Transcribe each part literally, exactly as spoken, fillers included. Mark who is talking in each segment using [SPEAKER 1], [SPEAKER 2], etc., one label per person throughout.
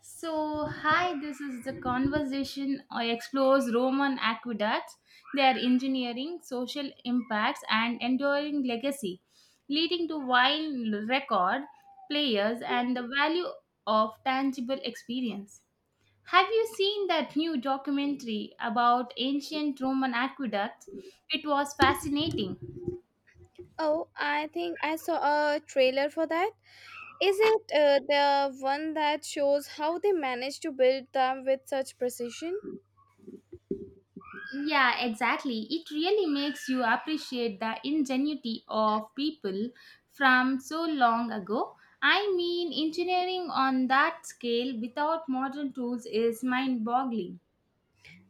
[SPEAKER 1] So, hi, this is the conversation uh, explores Roman aqueducts, their engineering, social impacts, and enduring legacy, leading to wine record players and the value of tangible experience. Have you seen that new documentary about ancient Roman aqueducts? It was fascinating.
[SPEAKER 2] Oh, I think I saw a trailer for that. Is it uh, the one that shows how they managed to build them with such precision?
[SPEAKER 1] Yeah, exactly. It really makes you appreciate the ingenuity of people from so long ago. I mean, engineering on that scale without modern tools is mind boggling.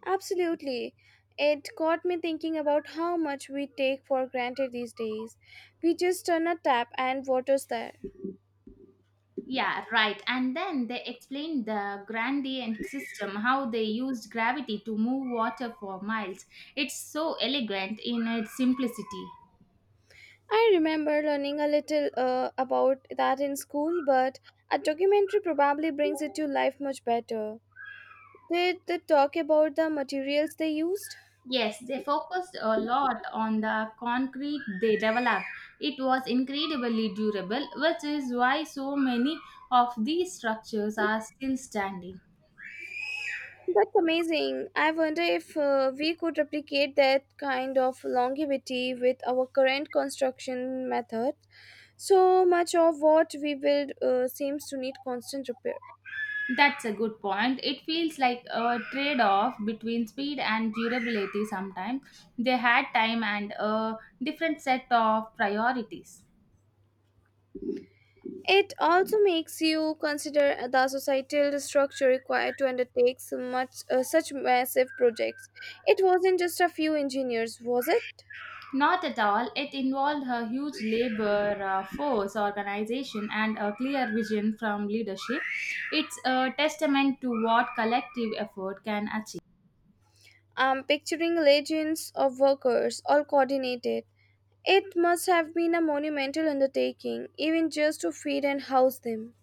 [SPEAKER 2] Absolutely. It got me thinking about how much we take for granted these days. We just turn a tap and water's there.
[SPEAKER 1] Yeah, right. And then they explained the gradient system, how they used gravity to move water for miles. It's so elegant in its simplicity.
[SPEAKER 2] I remember learning a little uh, about that in school, but a documentary probably brings it to life much better. Did they talk about the materials they used?
[SPEAKER 1] Yes, they focused a lot on the concrete they developed. It was incredibly durable, which is why so many of these structures are still standing.
[SPEAKER 2] That's amazing. I wonder if uh, we could replicate that kind of longevity with our current construction method. So much of what we build uh, seems to need constant repair.
[SPEAKER 1] That's a good point. It feels like a trade off between speed and durability sometimes. They had time and a different set of priorities.
[SPEAKER 2] It also makes you consider the societal structure required to undertake so much, uh, such massive projects. It wasn't just a few engineers, was it?
[SPEAKER 1] Not at all. It involved a huge labor uh, force organization and a clear vision from leadership. It's a testament to what collective effort can achieve.
[SPEAKER 2] I'm picturing legions of workers, all coordinated. It must have been a monumental undertaking, even just to feed and house them.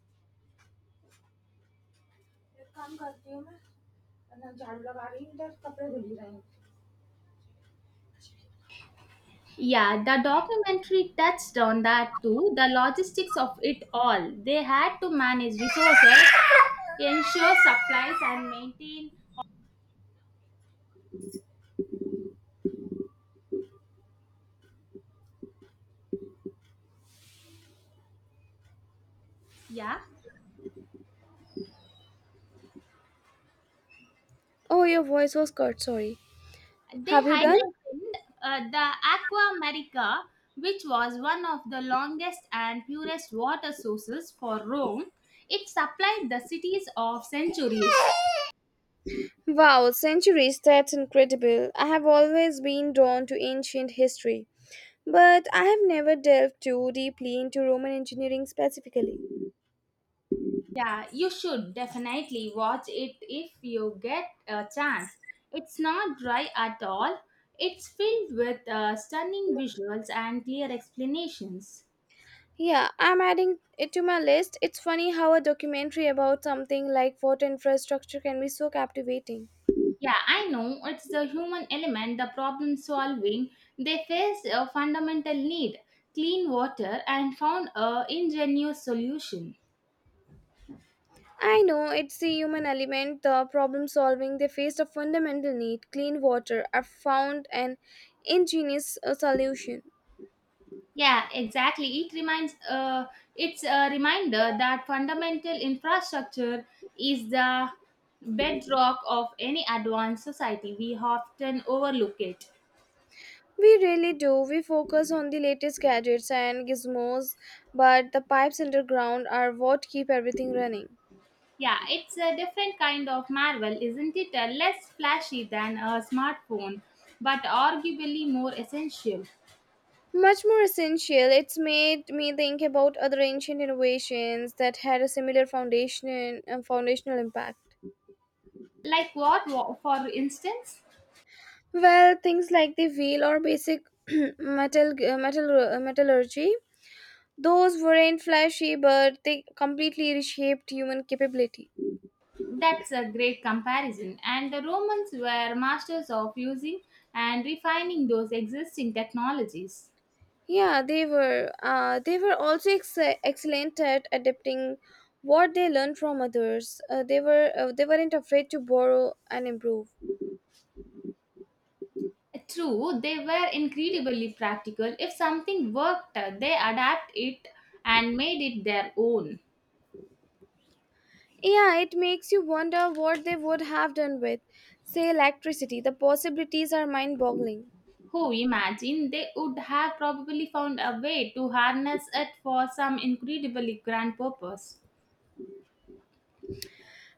[SPEAKER 1] Yeah, the documentary touched on that too. The logistics of it all. They had to manage resources, ensure supplies, and maintain. Yeah.
[SPEAKER 2] Oh, your voice was cut, sorry.
[SPEAKER 1] They
[SPEAKER 2] Have you done?
[SPEAKER 1] highlighted uh, the Aquamarica, which was one of the longest and purest water sources for Rome. It supplied the cities of centuries.
[SPEAKER 2] Wow, centuries, that's incredible. I have always been drawn to ancient history, but I have never delved too deeply into Roman engineering specifically.
[SPEAKER 1] Yeah, you should definitely watch it if you get a chance. It's not dry at all. It's filled with uh, stunning visuals and clear explanations.
[SPEAKER 2] Yeah, I'm adding it to my list. It's funny how a documentary about something like water infrastructure can be so captivating.
[SPEAKER 1] Yeah, I know, it's the human element, the problem solving. They faced a fundamental need clean water and found a ingenious solution.
[SPEAKER 2] I know it's the human element, the problem solving. They faced a fundamental need clean water, I found an ingenious uh, solution.
[SPEAKER 1] Yeah, exactly. It reminds uh, it's a reminder that fundamental infrastructure is the bedrock of any advanced society. We often overlook it.
[SPEAKER 2] We really do. We focus on the latest gadgets and gizmos, but the pipes underground are what keep everything running.
[SPEAKER 1] Yeah, it's a different kind of marvel, isn't it? Uh, less flashy than a smartphone, but arguably more essential.
[SPEAKER 2] Much more essential, it's made me think about other ancient innovations that had a similar foundation uh, foundational impact.
[SPEAKER 1] Like what, wa- for instance?
[SPEAKER 2] Well, things like the wheel or basic metal uh, metal uh, metallurgy. Those weren't flashy, but they completely reshaped human capability.
[SPEAKER 1] That's a great comparison. And the Romans were masters of using and refining those existing technologies.
[SPEAKER 2] Yeah, they were. Uh, they were also ex- excellent at adapting what they learned from others. Uh, they were. Uh, they weren't afraid to borrow and improve.
[SPEAKER 1] True, they were incredibly practical. If something worked, they adapt it and made it their own.
[SPEAKER 2] Yeah, it makes you wonder what they would have done with, say, electricity. The possibilities are mind-boggling.
[SPEAKER 1] Who imagine they would have probably found a way to harness it for some incredibly grand purpose.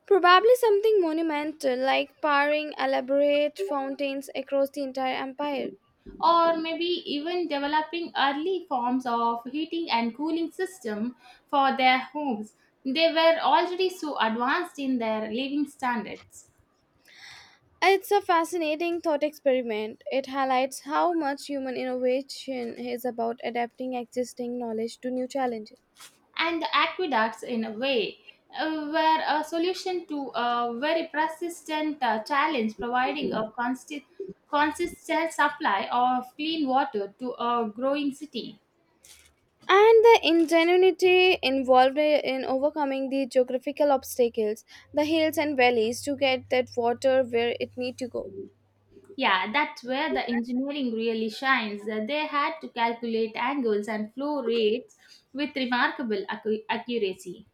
[SPEAKER 2] Probably something monumental, like powering elaborate fountains across the entire empire.
[SPEAKER 1] Or maybe even developing early forms of heating and cooling system for their homes. They were already so advanced in their living standards.
[SPEAKER 2] It's a fascinating thought experiment. It highlights how much human innovation is about adapting existing knowledge to new challenges.
[SPEAKER 1] And the aqueducts, in a way, uh, were a solution to a very persistent uh, challenge, providing a constant consistent supply of clean water to a growing city.
[SPEAKER 2] And the ingenuity involved in overcoming the geographical obstacles, the hills and valleys to get that water where it need to go.
[SPEAKER 1] Yeah, that's where the engineering really shines. Uh, They had to calculate angles and flow rates with remarkable accu- accuracy.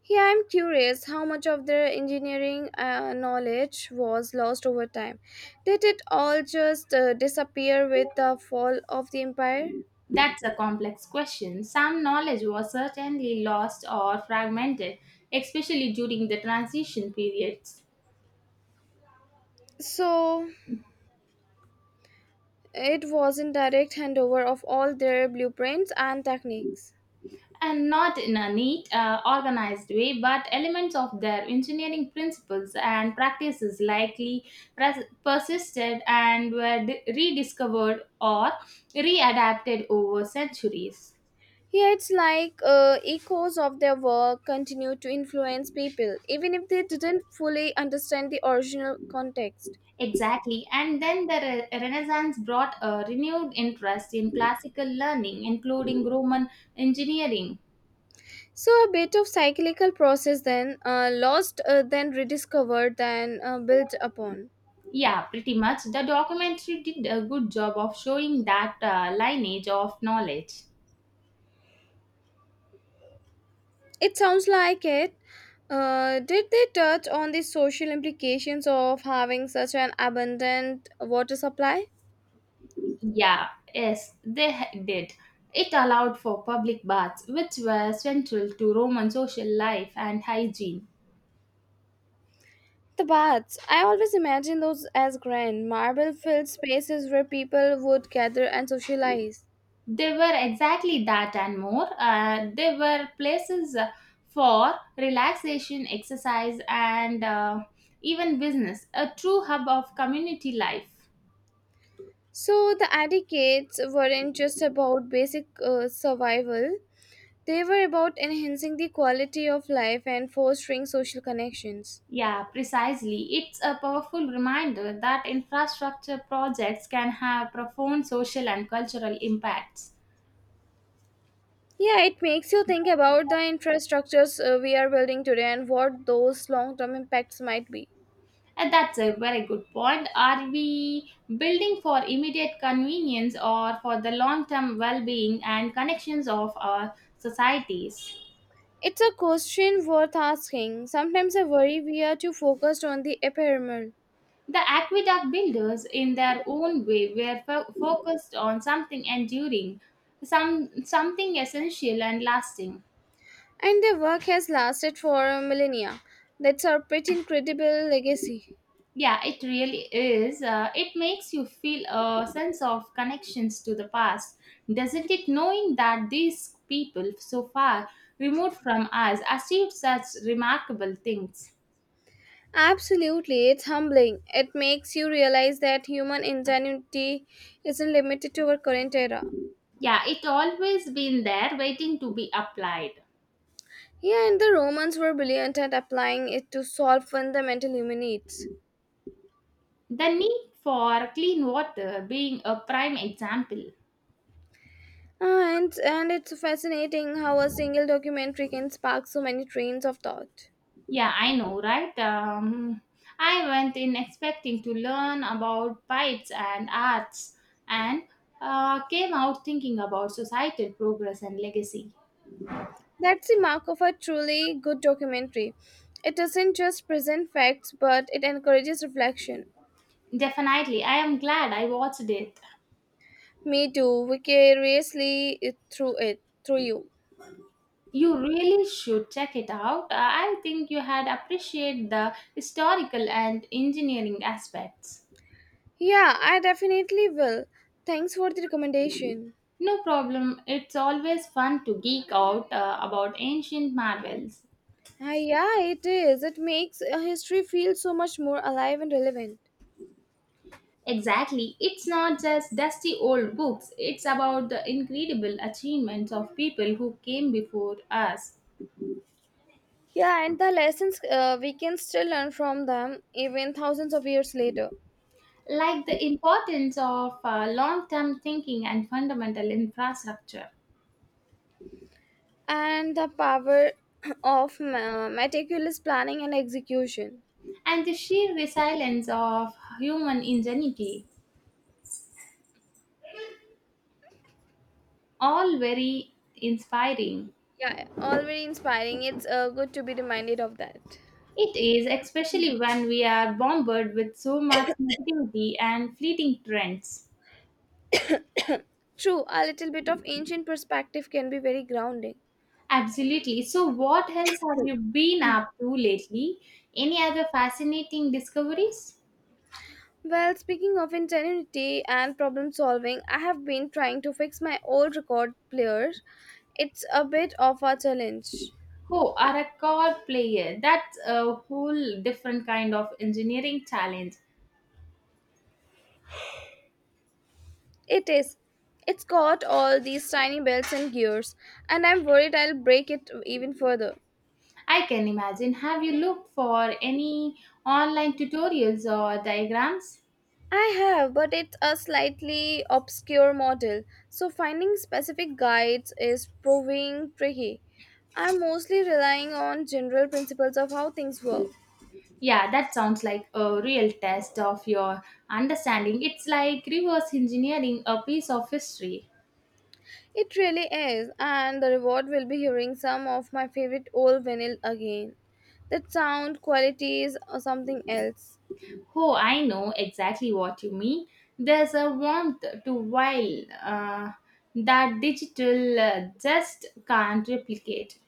[SPEAKER 2] Here I'm curious how much of their engineering uh, knowledge was lost over time. Did it all just uh, disappear with the fall of the empire?
[SPEAKER 1] That's a complex question. Some knowledge was certainly lost or fragmented, especially during the transition periods.
[SPEAKER 2] So, it was in direct handover of all their blueprints and techniques.
[SPEAKER 1] And not in a neat, uh, organized way, but elements of their engineering principles and practices likely pres- persisted and were di- rediscovered or readapted over centuries.
[SPEAKER 2] Yet, like uh, echoes of their work, continue to influence people, even if they didn't fully understand the original context.
[SPEAKER 1] Exactly, and then the re- Renaissance brought a renewed interest in classical learning, including Roman engineering.
[SPEAKER 2] So, a bit of cyclical process then, uh, lost, uh, then rediscovered, then uh, built upon.
[SPEAKER 1] Yeah, pretty much. The documentary did a good job of showing that uh, lineage of knowledge.
[SPEAKER 2] It sounds like it. Uh, did they touch on the social implications of having such an abundant water supply?
[SPEAKER 1] Yeah, yes, they h- did. It allowed for public baths, which were central to Roman social life and hygiene.
[SPEAKER 2] The baths. I always imagine those as grand, marble filled spaces where people would gather and socialize.
[SPEAKER 1] They were exactly that and more. Uh, they were places uh, for relaxation, exercise, and uh, even business, a true hub of community life.
[SPEAKER 2] So the etiquettes weren't just about basic uh, survival, they were about enhancing the quality of life and fostering social connections.
[SPEAKER 1] Yeah, precisely. It's a powerful reminder that infrastructure projects can have profound social and cultural impacts.
[SPEAKER 2] Yeah, it makes you think about the infrastructures uh, we are building today and what those long term impacts might be.
[SPEAKER 1] Uh, That's a very good point. Are we building for immediate convenience or for the long term well being and connections of our societies?
[SPEAKER 2] It's a question worth asking. Sometimes I worry we are too focused on the ephemeral.
[SPEAKER 1] The aqueduct builders, in their own way, were fo- focused on something enduring, some, something essential and lasting.
[SPEAKER 2] And their work has lasted for millennia. That's a pretty incredible legacy.
[SPEAKER 1] Yeah, it really is. Uh, it makes you feel a sense of connections to the past, doesn't it? Knowing that these people, so far removed from us, achieved such remarkable things.
[SPEAKER 2] Absolutely, it's humbling. It makes you realize that human ingenuity isn't limited to our current era.
[SPEAKER 1] Yeah, it always been there waiting to be applied.
[SPEAKER 2] Yeah, and the Romans were brilliant at applying it to solve fundamental human needs.
[SPEAKER 1] The need for clean water being a prime example.
[SPEAKER 2] Ah, And, and it's fascinating how a single documentary can spark so many trains of thought.
[SPEAKER 1] Yeah, I know, right? Um, I went in expecting to learn about pipes and arts and uh, came out thinking about societal progress and legacy.
[SPEAKER 2] That's the mark of a truly good documentary. It doesn't just present facts, but it encourages reflection.
[SPEAKER 1] Definitely, I am glad I watched it.
[SPEAKER 2] Me too, vicariously it- through it, through you.
[SPEAKER 1] You really should check it out. Uh, I think you had appreciate the historical and engineering aspects.
[SPEAKER 2] Yeah, I definitely will. Thanks for the recommendation.
[SPEAKER 1] No problem, it's always fun to geek out uh, about ancient marvels.
[SPEAKER 2] Ah, yeah, it is. It makes uh, history feel so much more alive and relevant.
[SPEAKER 1] Exactly. It's not just dusty old books, it's about the incredible achievements of people who came before us,
[SPEAKER 2] Yeah, and the lessons uh, we can still learn from them even thousands of years later.
[SPEAKER 1] like the importance of uh, long term thinking and fundamental infrastructure,
[SPEAKER 2] And the power of ma- meticulous planning and execution.
[SPEAKER 1] and the sheer resilience of human ingenuity. All very inspiring.
[SPEAKER 2] Yeah, all very inspiring. It's uh, good to be reminded of that.
[SPEAKER 1] It is, especially when we are bombarded with so much negativity and fleeting trends.
[SPEAKER 2] True, a little bit of ancient perspective can be very grounding.
[SPEAKER 1] Absolutely. So, what else have you been up to lately? Any other fascinating discoveries?
[SPEAKER 2] Well, speaking of integrity and problem solving, I have been trying to fix my old record player. It's a bit of a challenge.
[SPEAKER 1] Oh, a record player. That's a whole different kind of engineering challenge.
[SPEAKER 2] It is. It's got all these tiny belts and gears, and I'm worried I'll break it even further.
[SPEAKER 1] I can imagine. Have you looked for any online tutorials or diagrams?
[SPEAKER 2] I have, but it's a slightly obscure model, so finding specific guides is proving tricky. I'm mostly relying on general principles of how things work.
[SPEAKER 1] Yeah, that sounds like a real test of your understanding. It's like reverse engineering a piece of history.
[SPEAKER 2] It really is, and the reward will be hearing some of my favorite old vinyl again. That sound quality is uh, something else.
[SPEAKER 1] Oh, I know exactly what you mean. There's a warmth to wild uh, that digital uh, just can't replicate.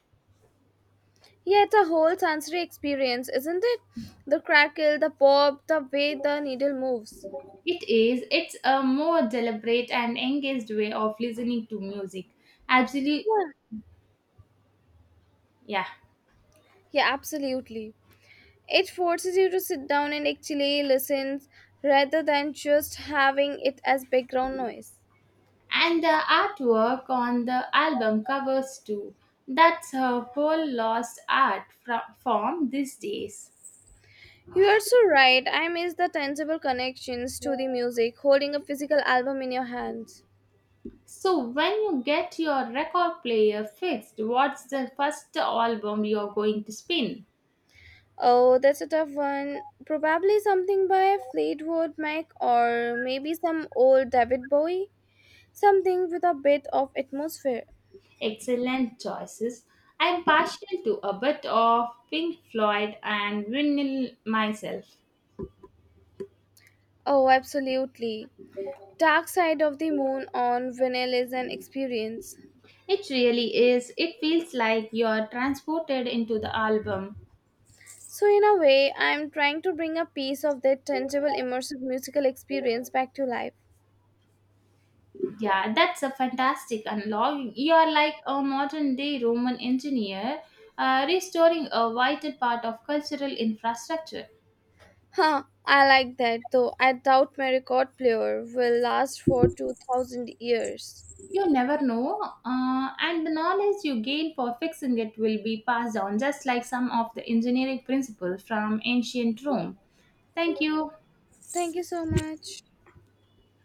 [SPEAKER 2] Yeah, it's a whole sensory experience, isn't it? The crackle, the pop, the way the needle moves.
[SPEAKER 1] It is. It's a more deliberate and engaged way of listening to music. Absolutely,
[SPEAKER 2] Yeah,
[SPEAKER 1] yeah.
[SPEAKER 2] yeah absolutely. It forces you to sit down and actually listen rather than just having it as background noise.
[SPEAKER 1] And the artwork on the album covers too. That's a whole lost art fro- form these days.
[SPEAKER 2] You are so right. I miss the tangible connections to the music, holding a physical album in your hands.
[SPEAKER 1] So, when you get your record player fixed, what's the first album you're going to spin?
[SPEAKER 2] Oh, that's a tough one. Probably something by Fleetwood Mac or maybe some old David Bowie. Something with a bit of atmosphere.
[SPEAKER 1] Excellent choices. I'm partial to a bit of Pink Floyd and vinyl myself.
[SPEAKER 2] Oh, absolutely. Dark Side of the Moon on vinyl is an experience.
[SPEAKER 1] It really is. It feels like you're transported into the album.
[SPEAKER 2] So, in a way, I'm trying to bring a piece of that tangible, immersive musical experience back to life.
[SPEAKER 1] Yeah, that's a fantastic unlock. You're like a modern day Roman engineer uh, restoring a vital part of cultural infrastructure.
[SPEAKER 2] Huh, I like that though. I doubt my record player will last for two thousand years.
[SPEAKER 1] You never know, uh, and the knowledge you gain for fixing it will be passed on, just like some of the engineering principles from ancient Rome. Thank you.
[SPEAKER 2] Thank you so much.